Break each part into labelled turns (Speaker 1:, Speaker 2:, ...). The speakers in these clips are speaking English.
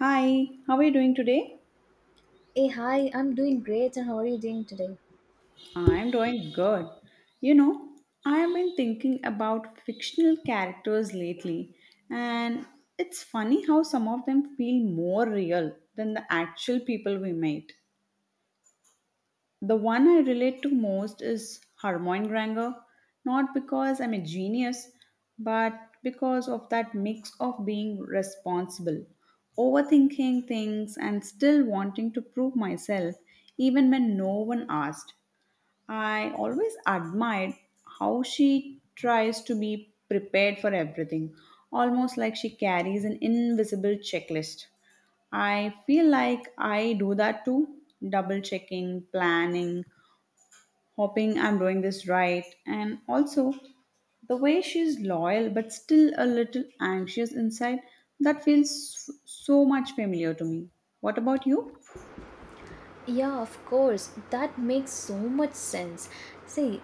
Speaker 1: Hi, how are you doing today?
Speaker 2: Hey, hi, I'm doing great, and how are you doing today?
Speaker 1: I'm doing good. You know, I have been thinking about fictional characters lately, and it's funny how some of them feel more real than the actual people we meet. The one I relate to most is Hermione Granger, not because I'm a genius, but because of that mix of being responsible, overthinking things, and still wanting to prove myself even when no one asked. I always admired how she tries to be prepared for everything, almost like she carries an invisible checklist. I feel like I do that too, double checking, planning, hoping I'm doing this right, and also the way she's loyal but still a little anxious inside, that feels so much familiar to me. What about you?
Speaker 2: Yeah, of course, that makes so much sense. See,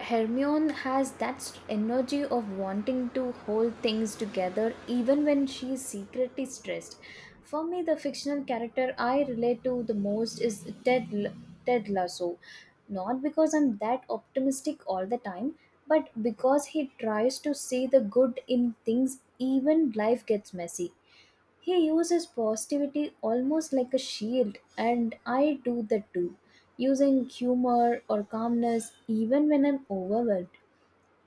Speaker 2: Hermione has that energy of wanting to hold things together even when she is secretly stressed. For me, the fictional character I relate to the most is Ted Lasso. Not because I'm that optimistic all the time, but because he tries to see the good in things even life gets messy. He uses positivity almost like a shield, and I do that too, using humor or calmness even when I'm overwhelmed.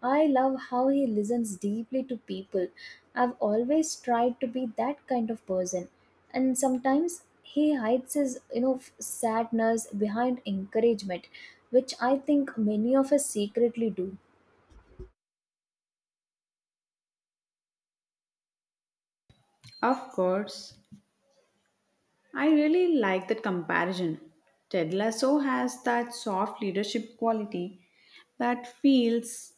Speaker 2: I love how he listens deeply to people. I've always tried to be that kind of person, and sometimes he hides his sadness behind encouragement, which I think many of us secretly do.
Speaker 1: Of course, I really like that comparison. Ted Lasso has that soft leadership quality that feels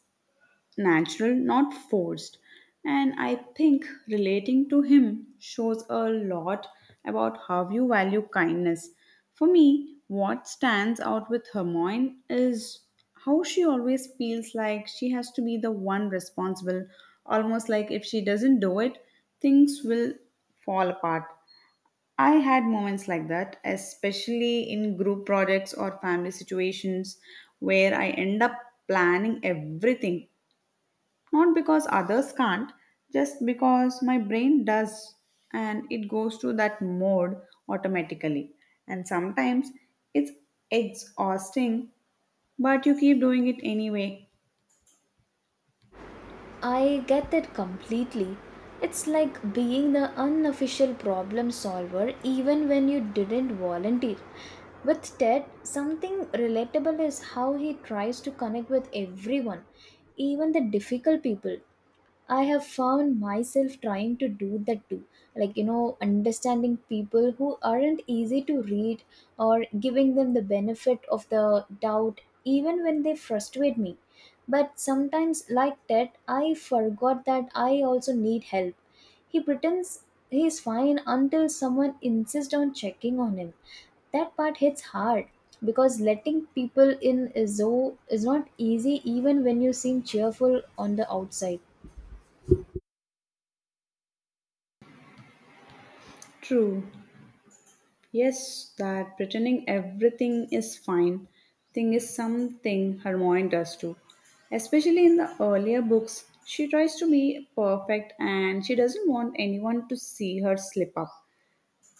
Speaker 1: natural, not forced. And I think relating to him shows a lot about how you value kindness. For me, what stands out with Hermione is how she always feels like she has to be the one responsible, almost like if she doesn't do it, things will fall apart. I had moments like that, especially in group projects or family situations where I end up planning everything, not because others can't, just because my brain does and it goes to that mode automatically. And sometimes it's exhausting, but you keep doing it anyway.
Speaker 2: I get that completely. It's like being the unofficial problem solver even when you didn't volunteer. With Ted, something relatable is how he tries to connect with everyone, even the difficult people. I have found myself trying to do that too. Like, you know, understanding people who aren't easy to read or giving them the benefit of the doubt, even when they frustrate me. But sometimes, like that, I forgot that I also need help. He pretends he's fine until someone insists on checking on him, that part hits hard because letting people in is not easy even when you seem cheerful on the outside.
Speaker 1: True. Yes, that pretending everything is fine thing is something Hermione does too. Especially in the earlier books, she tries to be perfect and she doesn't want anyone to see her slip up.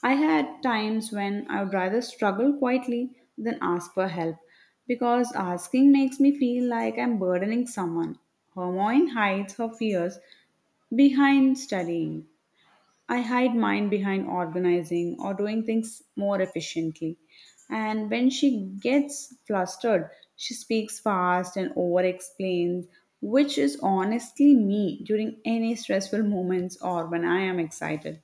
Speaker 1: I had times when I would rather struggle quietly than ask for help, because asking makes me feel like I'm burdening someone. Hermione hides her fears behind studying. I hide mine behind organizing or doing things more efficiently. And when she gets flustered, she speaks fast and over explains, which is honestly me during any stressful moments or when I am excited.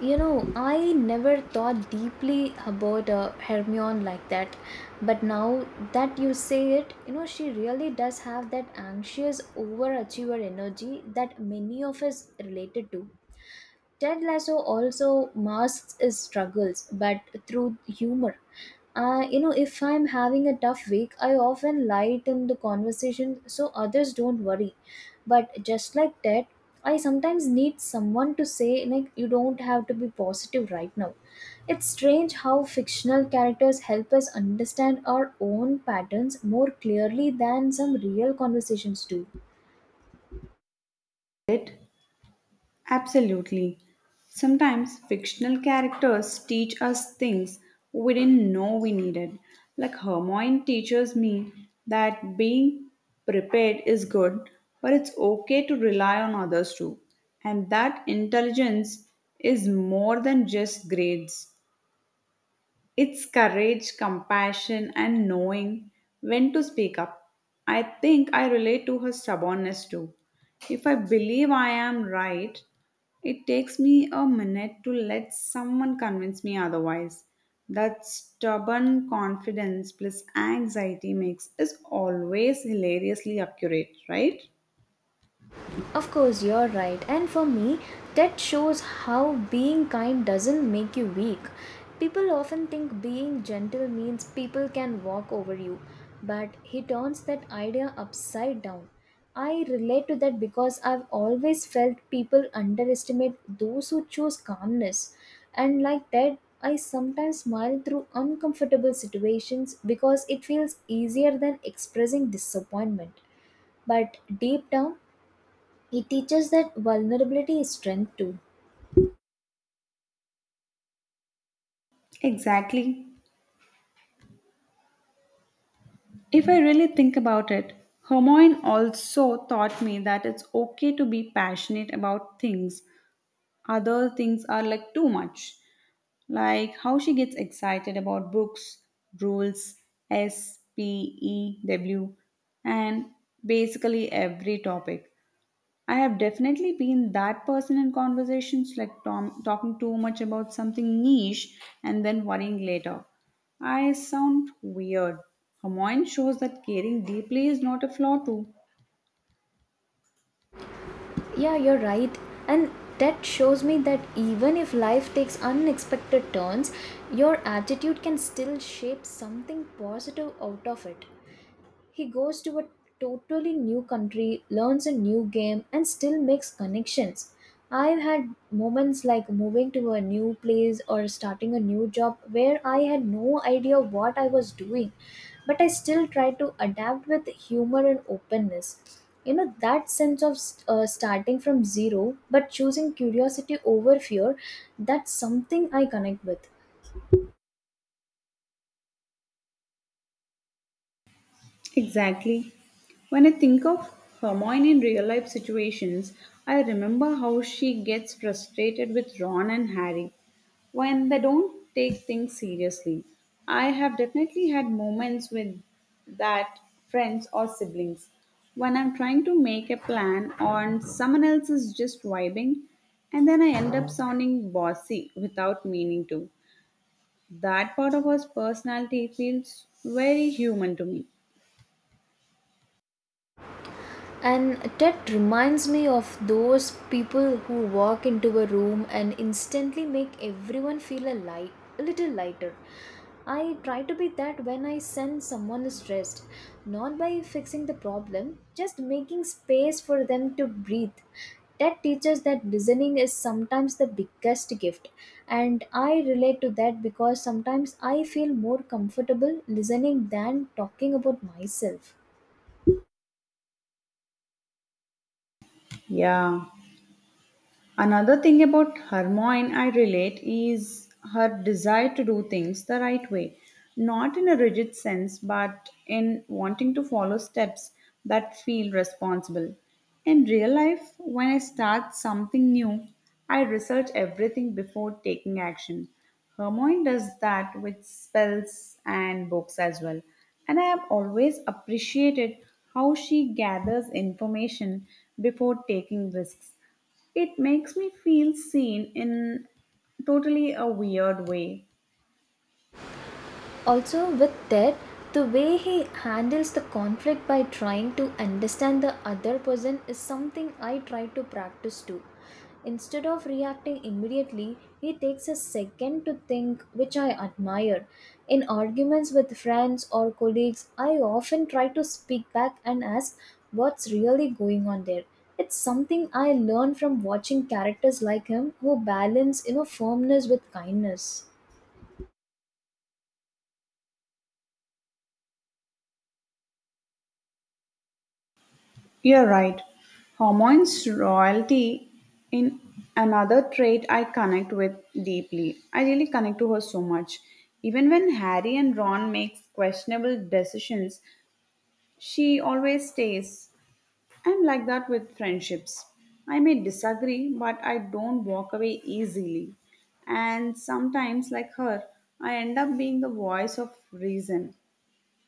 Speaker 2: I never thought deeply about Hermione like that, but now that you say it, she really does have that anxious overachiever energy that many of us related to. Ted Lasso also masks his struggles, but through humor. If I'm having a tough week, I often lighten the conversation so others don't worry. But just like Ted, I sometimes need someone to say, like, you don't have to be positive right now. It's strange how fictional characters help us understand our own patterns more clearly than some real conversations do.
Speaker 1: It— Absolutely. Sometimes fictional characters teach us things we didn't know we needed. Like Hermione teaches me that being prepared is good, but it's okay to rely on others too. And that intelligence is more than just grades. It's courage, compassion, and knowing when to speak up. I think I relate to her stubbornness too. If I believe I am right, it takes me a minute to let someone convince me otherwise. That stubborn confidence plus anxiety mix is always hilariously accurate, right?
Speaker 2: Of course, you're right. And for me, that shows how being kind doesn't make you weak. People often think being gentle means people can walk over you, but he turns that idea upside down. I relate to that because I've always felt people underestimate those who choose calmness. And like that, I sometimes smile through uncomfortable situations because it feels easier than expressing disappointment. But deep down, it teaches that vulnerability is strength too.
Speaker 1: Exactly. If I really think about it, Hermione also taught me that it's okay to be passionate about things. Other things are like too much, like how she gets excited about books, rules, S, P, E, W, and basically every topic. I have definitely been that person in conversations, like talking too much about something niche and then worrying later. I sound weird. Hermione shows that caring deeply is not a flaw, too.
Speaker 2: Yeah, you're right. And that shows me that even if life takes unexpected turns, your attitude can still shape something positive out of it. He goes to a totally new country, learns a new game, and still makes connections. I've had moments like moving to a new place or starting a new job where I had no idea what I was doing, but I still try to adapt with humor and openness. That sense of starting from zero but choosing curiosity over fear, that's something I connect with.
Speaker 1: Exactly. When I think of Hermione in real life situations, I remember how she gets frustrated with Ron and Harry when they don't take things seriously. I have definitely had moments with that, friends or siblings, when I'm trying to make a plan on someone else is just vibing and then I end up sounding bossy without meaning to. That part of us personality feels very human to me.
Speaker 2: And that reminds me of those people who walk into a room and instantly make everyone feel a light, a little lighter. I try to be that when I sense someone is stressed, not by fixing the problem, just making space for them to breathe. That teaches that listening is sometimes the biggest gift, and I relate to that because sometimes I feel more comfortable listening than talking about myself.
Speaker 1: Yeah. Another thing about Hermione I relate is her desire to do things the right way, not in a rigid sense, but in wanting to follow steps that feel responsible. In real life, when I start something new, I research everything before taking action. Hermione does that with spells and books as well. And I have always appreciated how she gathers information before taking risks. It makes me feel seen in totally a weird way.
Speaker 2: Also, with that, the way he handles the conflict by trying to understand the other person is something I try to practice too. Instead of reacting immediately, he takes a second to think, which I admire. In arguments with friends or colleagues, I often try to speak back and ask what's really going on there. It's something I learned from watching characters like him who balance, you know, firmness with kindness.
Speaker 1: You're right. Hormones royalty in another trait I connect with deeply. I really connect to her so much. Even when Harry and Ron makes questionable decisions, she always stays. I'm like that with friendships. I may disagree, but I don't walk away easily. And sometimes, like her, I end up being the voice of reason,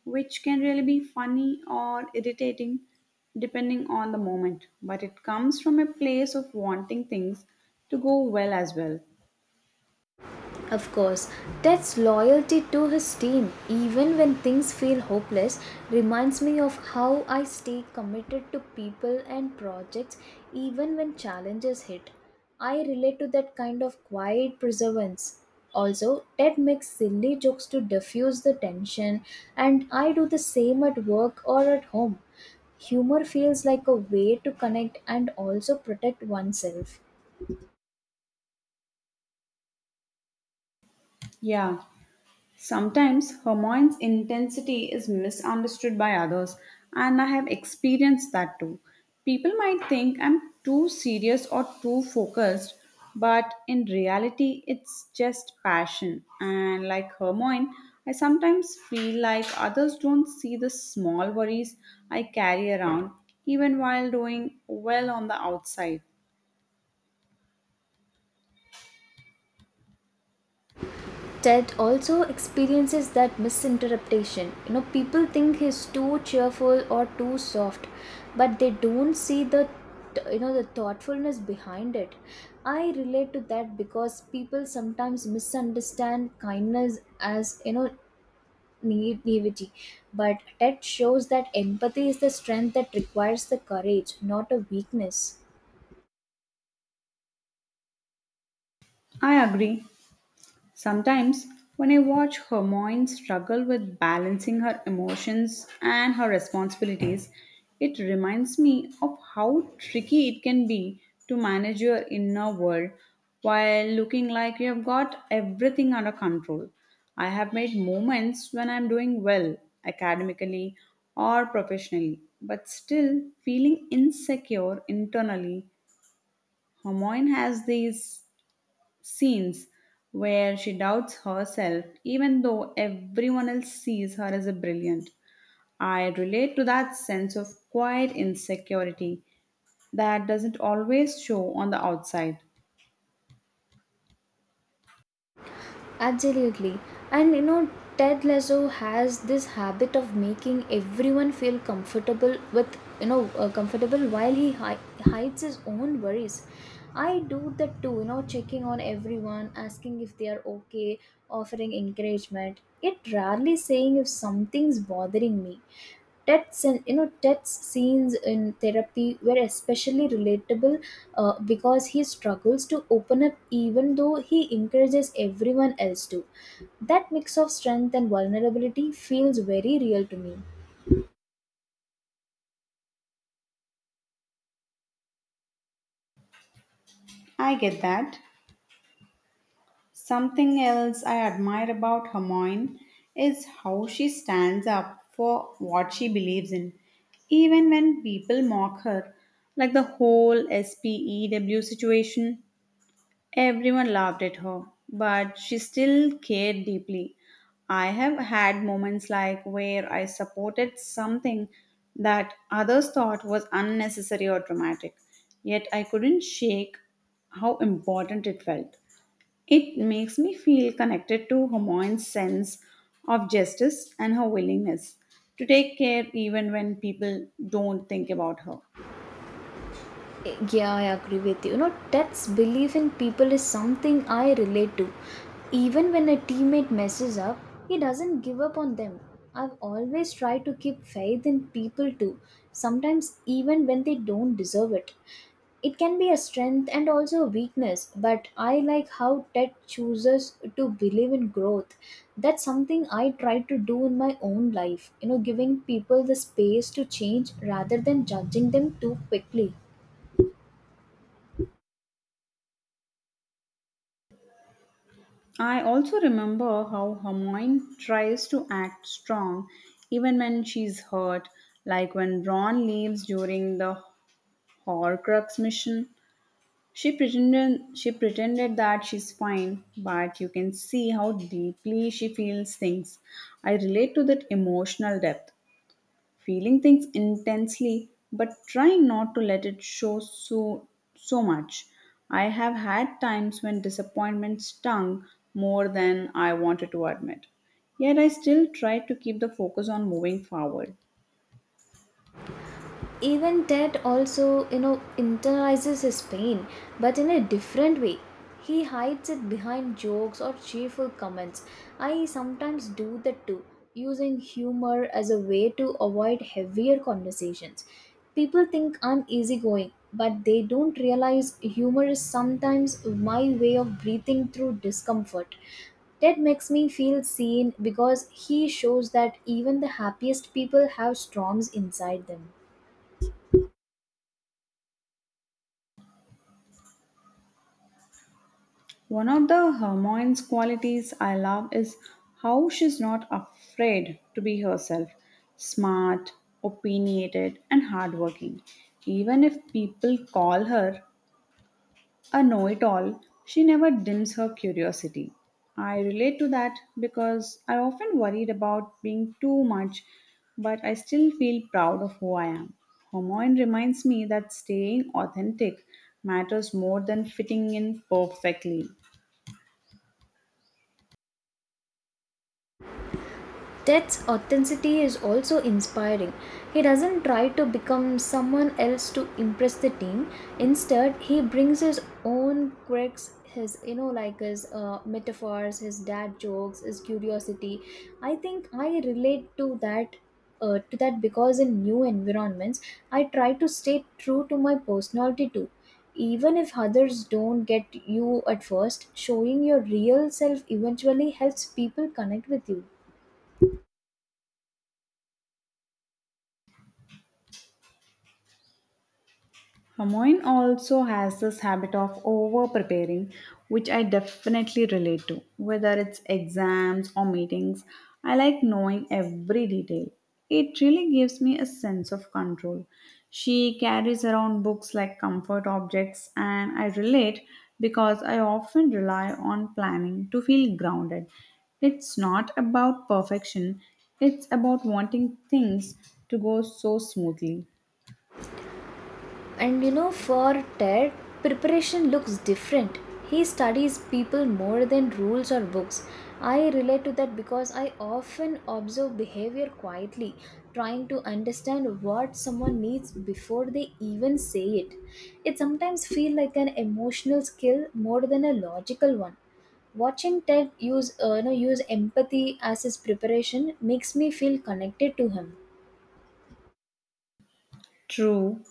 Speaker 1: which can really be funny or irritating depending on the moment. But it comes from a place of wanting things to go well as well.
Speaker 2: Of course, Ted's loyalty to his team, even when things feel hopeless, reminds me of how I stay committed to people and projects even when challenges hit. I relate to that kind of quiet perseverance. Also, Ted makes silly jokes to diffuse the tension, and I do the same at work or at home. Humor feels like a way to connect and also protect oneself.
Speaker 1: Yeah. Sometimes Hermione's intensity is misunderstood by others, and I have experienced that too. People might think I'm too serious or too focused, but in reality, it's just passion. And like Hermione, I sometimes feel like others don't see the small worries I carry around, even while doing well on the outside.
Speaker 2: Ted also experiences that misinterpretation. You know, people think he's too cheerful or too soft, but they don't see the the thoughtfulness behind it. I relate to that because people sometimes misunderstand kindness as naivety, but Ted shows that empathy is the strength that requires the courage, not a weakness.
Speaker 1: I agree. Sometimes, when I watch Hermione struggle with balancing her emotions and her responsibilities, it reminds me of how tricky it can be to manage your inner world while looking like you have got everything under control. I have made moments when I'm doing well academically or professionally, but still feeling insecure internally. Hermione has these scenes where she doubts herself, even though everyone else sees her as a brilliant. I relate to that sense of quiet insecurity that doesn't always show on the outside.
Speaker 2: Absolutely. And you know, Ted Lasso has this habit of making everyone feel comfortable with, you know, comfortable while he hides his own worries. I do that too, you know, checking on everyone, asking if they are okay, offering encouragement, yet rarely saying if something's bothering me. Ted's and you know Ted's scenes in therapy were especially relatable because he struggles to open up even though he encourages everyone else to. That mix of strength and vulnerability feels very real to me.
Speaker 1: I get that. Something else I admire about Hermione is how she stands up for what she believes in, even when people mock her, like the whole SPEW situation. Everyone laughed at her, but she still cared deeply. I have had moments like where I supported something that others thought was unnecessary or dramatic, yet I couldn't shake how important it felt. It makes me feel connected to Hermione's sense of justice and her willingness to take care even when people don't think about her.
Speaker 2: Yeah, I agree with you. You know, Ted's belief in people is something I relate to. Even when a teammate messes up, he doesn't give up on them. I've always tried to keep faith in people too, sometimes even when they don't deserve it. It can be a strength and also a weakness, but I like how Ted chooses to believe in growth. That's something I try to do in my own life, you know, giving people the space to change rather than judging them too quickly.
Speaker 1: I also remember how Hermione tries to act strong even when she's hurt, like when Ron leaves during the Horcrux mission. She pretended that she's fine, but you can see how deeply she feels things. I relate to that emotional depth, feeling things intensely but trying not to let it show so much. I have had times when disappointment stung more than I wanted to admit, yet I still tried to keep the focus on moving forward.
Speaker 2: Even Ted also, you know, internalizes his pain, but in a different way. He hides it behind jokes or cheerful comments. I sometimes do that too, using humor as a way to avoid heavier conversations. People think I'm easygoing, but they don't realize humor is sometimes my way of breathing through discomfort. Ted makes me feel seen because he shows that even the happiest people have storms inside them.
Speaker 1: One of the Hermione's qualities I love is how she's not afraid to be herself, smart, opinionated and hardworking. Even if people call her a know it all, she never dims her curiosity. I relate to that because I often worried about being too much, but I still feel proud of who I am. Homoin reminds me that staying authentic matters more than fitting in perfectly.
Speaker 2: Ted's authenticity is also inspiring. He doesn't try to become someone else to impress the team. Instead, he brings his own quirks, his metaphors, his dad jokes, his curiosity. I think I relate to that. To that because in new environments I try to stay true to my personality too, even if others don't get you at first. Showing your real self eventually helps people connect with you.
Speaker 1: Hamoin also has this habit of over preparing, which I definitely relate to. Whether it's exams or meetings, I like knowing every detail. It really gives me a sense of control. She carries around books like comfort objects, and I relate because I often rely on planning to feel grounded. It's not about perfection, it's about wanting things to go so smoothly.
Speaker 2: And you know, for Ted, preparation looks different. He studies people more than rules or books. I relate to that because I often observe behavior quietly, trying to understand what someone needs before they even say it. It sometimes feels like an emotional skill more than a logical one. Watching Ted use empathy as his preparation makes me feel connected to him.
Speaker 1: True,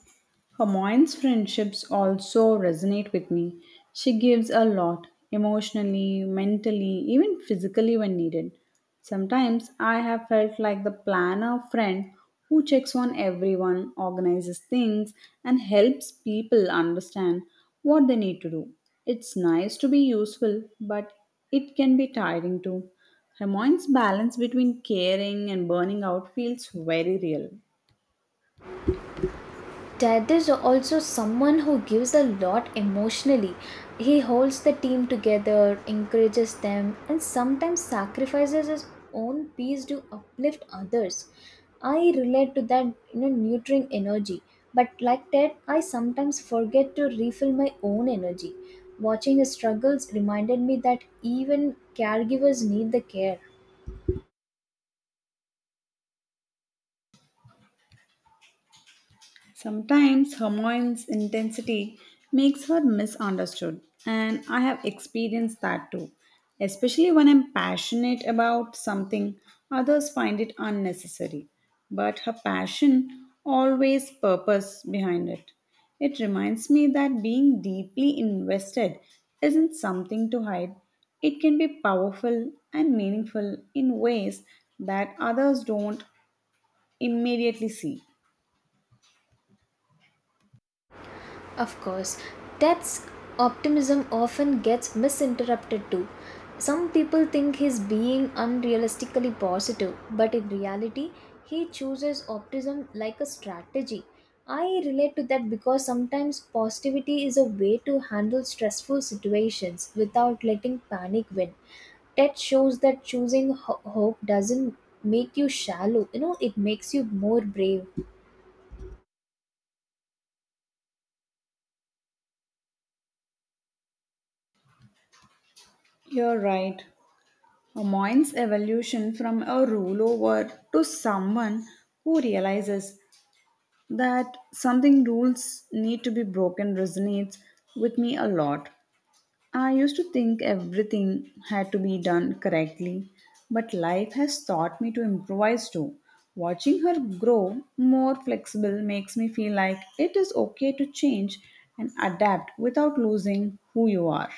Speaker 1: Hermione's friendships also resonate with me. She gives a lot, emotionally, mentally, even physically when needed. Sometimes I have felt like the planner friend who checks on everyone, organizes things, and helps people understand what they need to do. It's nice to be useful, but it can be tiring too. Hermione's balance between caring and burning out feels very real.
Speaker 2: Dad is also someone who gives a lot emotionally. He holds the team together, encourages them, and sometimes sacrifices his own peace to uplift others. I relate to that, you know, nurturing energy. But like Ted, I sometimes forget to refill my own energy. Watching his struggles reminded me that even caregivers need the care.
Speaker 1: Sometimes Hermione's intensity makes her misunderstood, and I have experienced that too. Especially when I'm passionate about something, others find it unnecessary. But her passion always purpose behind it. It reminds me that being deeply invested isn't something to hide. It can be powerful and meaningful in ways that others don't immediately see.
Speaker 2: Of course, that's optimism often gets misinterpreted too. Some people think he's being unrealistically positive, but in reality, he chooses optimism like a strategy. I relate to that because sometimes positivity is a way to handle stressful situations without letting panic win. That shows that choosing hope doesn't make you shallow, you know, it makes you more brave.
Speaker 1: You're right. Mind's evolution from a rule over to someone who realizes that something rules need to be broken resonates with me a lot. I used to think everything had to be done correctly, but life has taught me to improvise too. Watching her grow more flexible makes me feel like it is okay to change and adapt without losing who you are.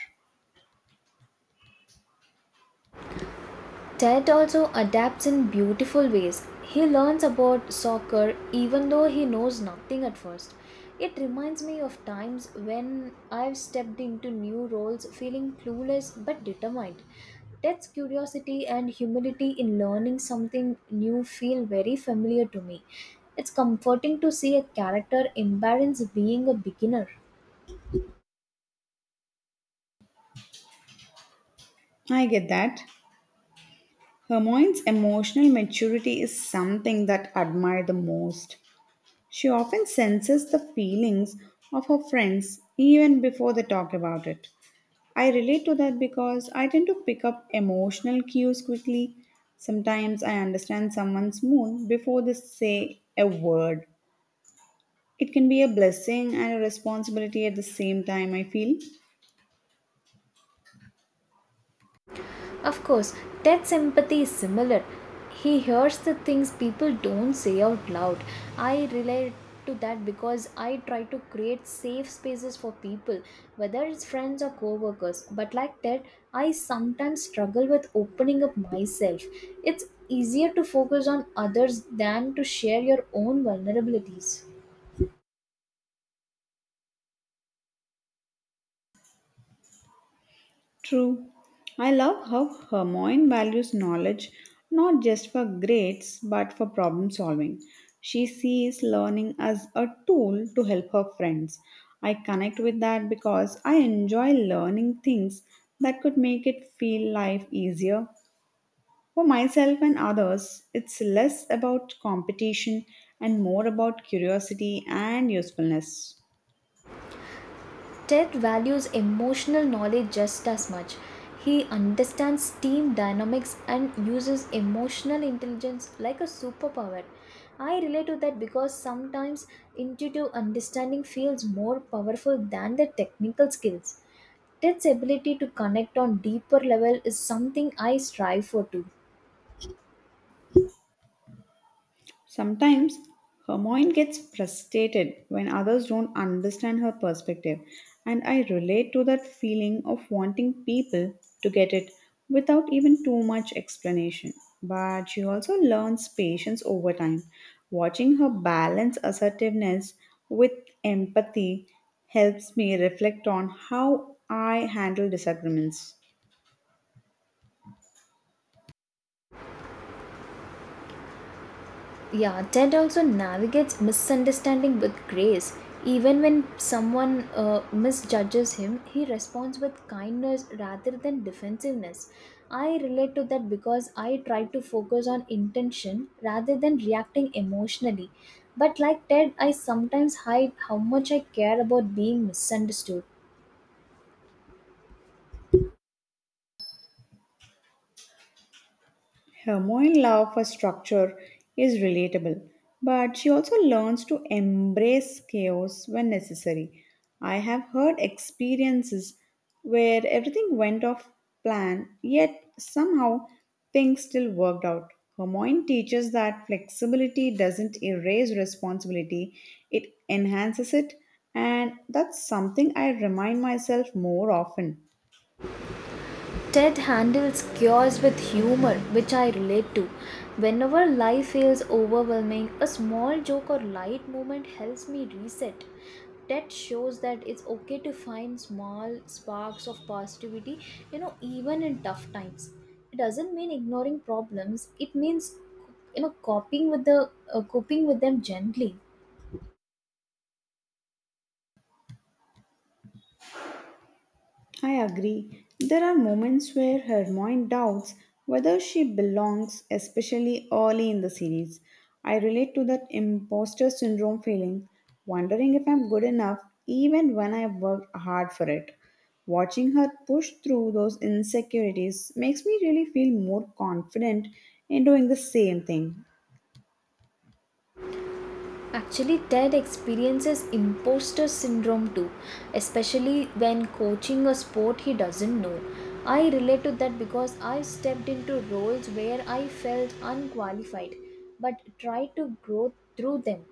Speaker 2: Ted also adapts in beautiful ways. He learns about soccer even though he knows nothing at first. It reminds me of times when I've stepped into new roles feeling clueless but determined. Ted's curiosity and humility in learning something new feel very familiar to me. It's comforting to see a character embrace being a beginner.
Speaker 1: I get that. Hermione's emotional maturity is something that I admire the most. She often senses the feelings of her friends even before they talk about it. I relate to that because I tend to pick up emotional cues quickly. Sometimes I understand someone's mood before they say a word. It can be a blessing and a responsibility at the same time, I feel.
Speaker 2: Of course, that sympathy is similar. He hears the things people don't say out loud. I relate to that because I try to create safe spaces for people, whether it's friends or co-workers. But like that, I sometimes struggle with opening up myself. It's easier to focus on others than to share your own vulnerabilities.
Speaker 1: True. I love how Hermione values knowledge not just for grades but for problem solving. She sees learning as a tool to help her friends. I connect with that because I enjoy learning things that could make it feel life easier. For myself and others, it's less about competition and more about curiosity and usefulness.
Speaker 2: Ted values emotional knowledge just as much. He understands team dynamics and uses emotional intelligence like a superpower. I relate to that because sometimes intuitive understanding feels more powerful than the technical skills. Ted's ability to connect on deeper level is something I strive for too.
Speaker 1: Sometimes Hermione gets frustrated when others don't understand her perspective, and I relate to that feeling of wanting people to get it without even too much explanation. But she also learns patience over time. Watching her balance assertiveness with empathy helps me reflect on how I handle disagreements.
Speaker 2: Yeah, Ted also navigates misunderstanding with grace. Even when someone misjudges him, he responds with kindness rather than defensiveness. I relate to that because I try to focus on intention rather than reacting emotionally. But like Ted, I sometimes hide how much I care about being misunderstood.
Speaker 1: Her moral love for structure is relatable, but she also learns to embrace chaos when necessary. I have heard experiences where everything went off plan, yet somehow things still worked out. Hermione teaches that flexibility doesn't erase responsibility, it enhances it, and that's something I remind myself more often.
Speaker 2: Ted handles chaos with humor, which I relate to. Whenever life feels overwhelming, a small joke or light moment helps me reset. Ted shows that it's okay to find small sparks of positivity, you know, even in tough times. It doesn't mean ignoring problems, it means you know coping with the coping with them gently.
Speaker 1: I agree. There are moments where Hermione doubts whether she belongs, especially early in the series. I relate to that imposter syndrome feeling, wondering if I'm good enough even when I've worked hard for it. Watching her push through those insecurities makes me really feel more confident in doing the same thing.
Speaker 2: Actually, Ted experiences imposter syndrome too, especially when coaching a sport he doesn't know. I relate to that because I stepped into roles where I felt unqualified but tried to grow through them.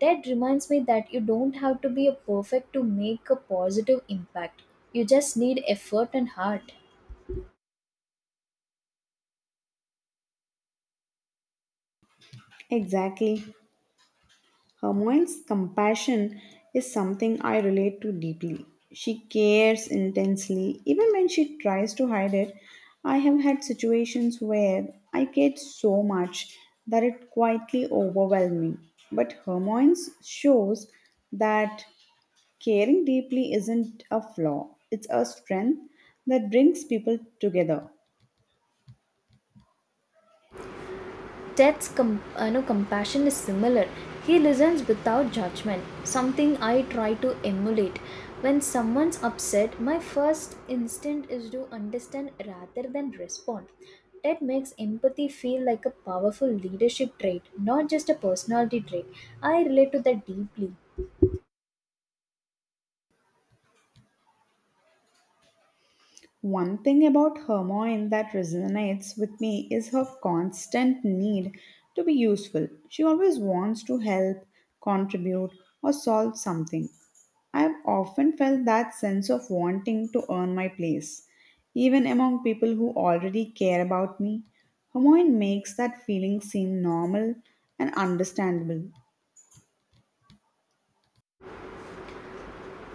Speaker 2: Ted reminds me that you don't have to be a perfect to make a positive impact. You just need effort and heart.
Speaker 1: Exactly. Hermione's compassion is something I relate to deeply. She cares intensely, even when she tries to hide it. I have had situations where I cared so much that it quietly overwhelmed me. But Hermione's shows that caring deeply isn't a flaw, it's a strength that brings people together.
Speaker 2: Ted's com- you know, Compassion is similar. He listens without judgment, something I try to emulate. When someone's upset, my first instinct is to understand rather than respond. Ted makes empathy feel like a powerful leadership trait, not just a personality trait. I relate to that deeply.
Speaker 1: One thing about Hermione that resonates with me is her constant need to be useful. She always wants to help, contribute, or solve something. I've often felt that sense of wanting to earn my place, even among people who already care about me. Hermione makes that feeling seem normal and understandable.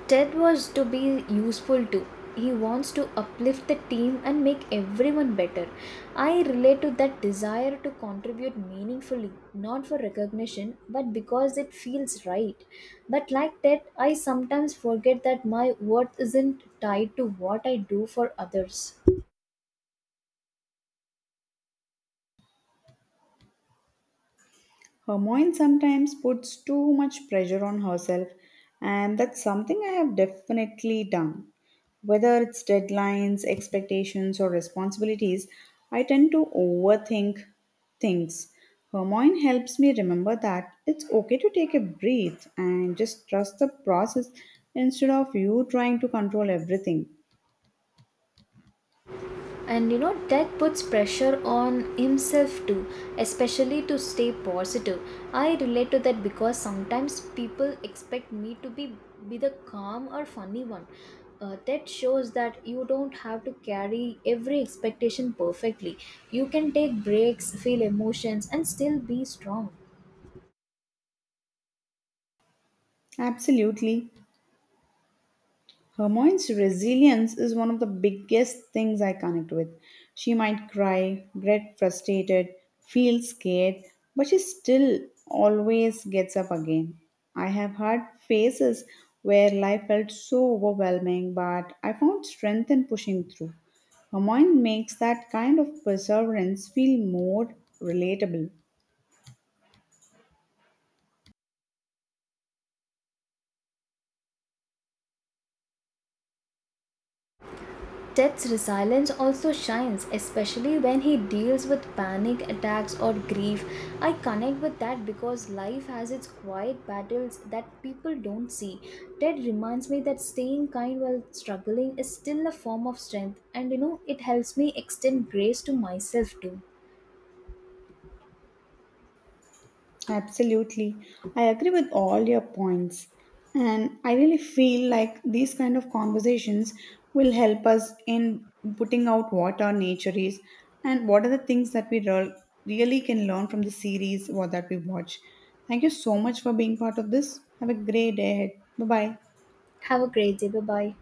Speaker 2: Ted was to be useful too. He wants to uplift the team and make everyone better. I relate to that desire to contribute meaningfully, not for recognition, but because it feels right. But like Ted, I sometimes forget that my worth isn't tied to what I do for others.
Speaker 1: Hermione sometimes puts too much pressure on herself, and that's something I have definitely done. Whether it's deadlines, expectations, or responsibilities, I tend to overthink things. Hermione helps me remember that it's okay to take a breath and just trust the process instead of you trying to control everything.
Speaker 2: And you know, that puts pressure on himself too, especially to stay positive. I relate to that because sometimes people expect me to be the calm or funny one. That shows that you don't have to carry every expectation perfectly. You can take breaks, feel emotions, and still be strong.
Speaker 1: Absolutely. Hermione's resilience is one of the biggest things I connect with. She might cry, get frustrated, feel scared, but she still always gets up again. I have had phases where life felt so overwhelming, but I found strength in pushing through. Hermione makes that kind of perseverance feel more relatable.
Speaker 2: Ted's resilience also shines, especially when he deals with panic attacks or grief. I connect with that because life has its quiet battles that people don't see. Ted reminds me that staying kind while struggling is still a form of strength, and you know, it helps me extend grace to myself too.
Speaker 1: Absolutely. I agree with all your points. And I really feel like these kind of conversations will help us in putting out what our nature is and what are the things that really can learn from the series or that we watch. Thank you so much for being part of this. Have a great day ahead. Bye bye.
Speaker 2: Have a great day. Bye bye.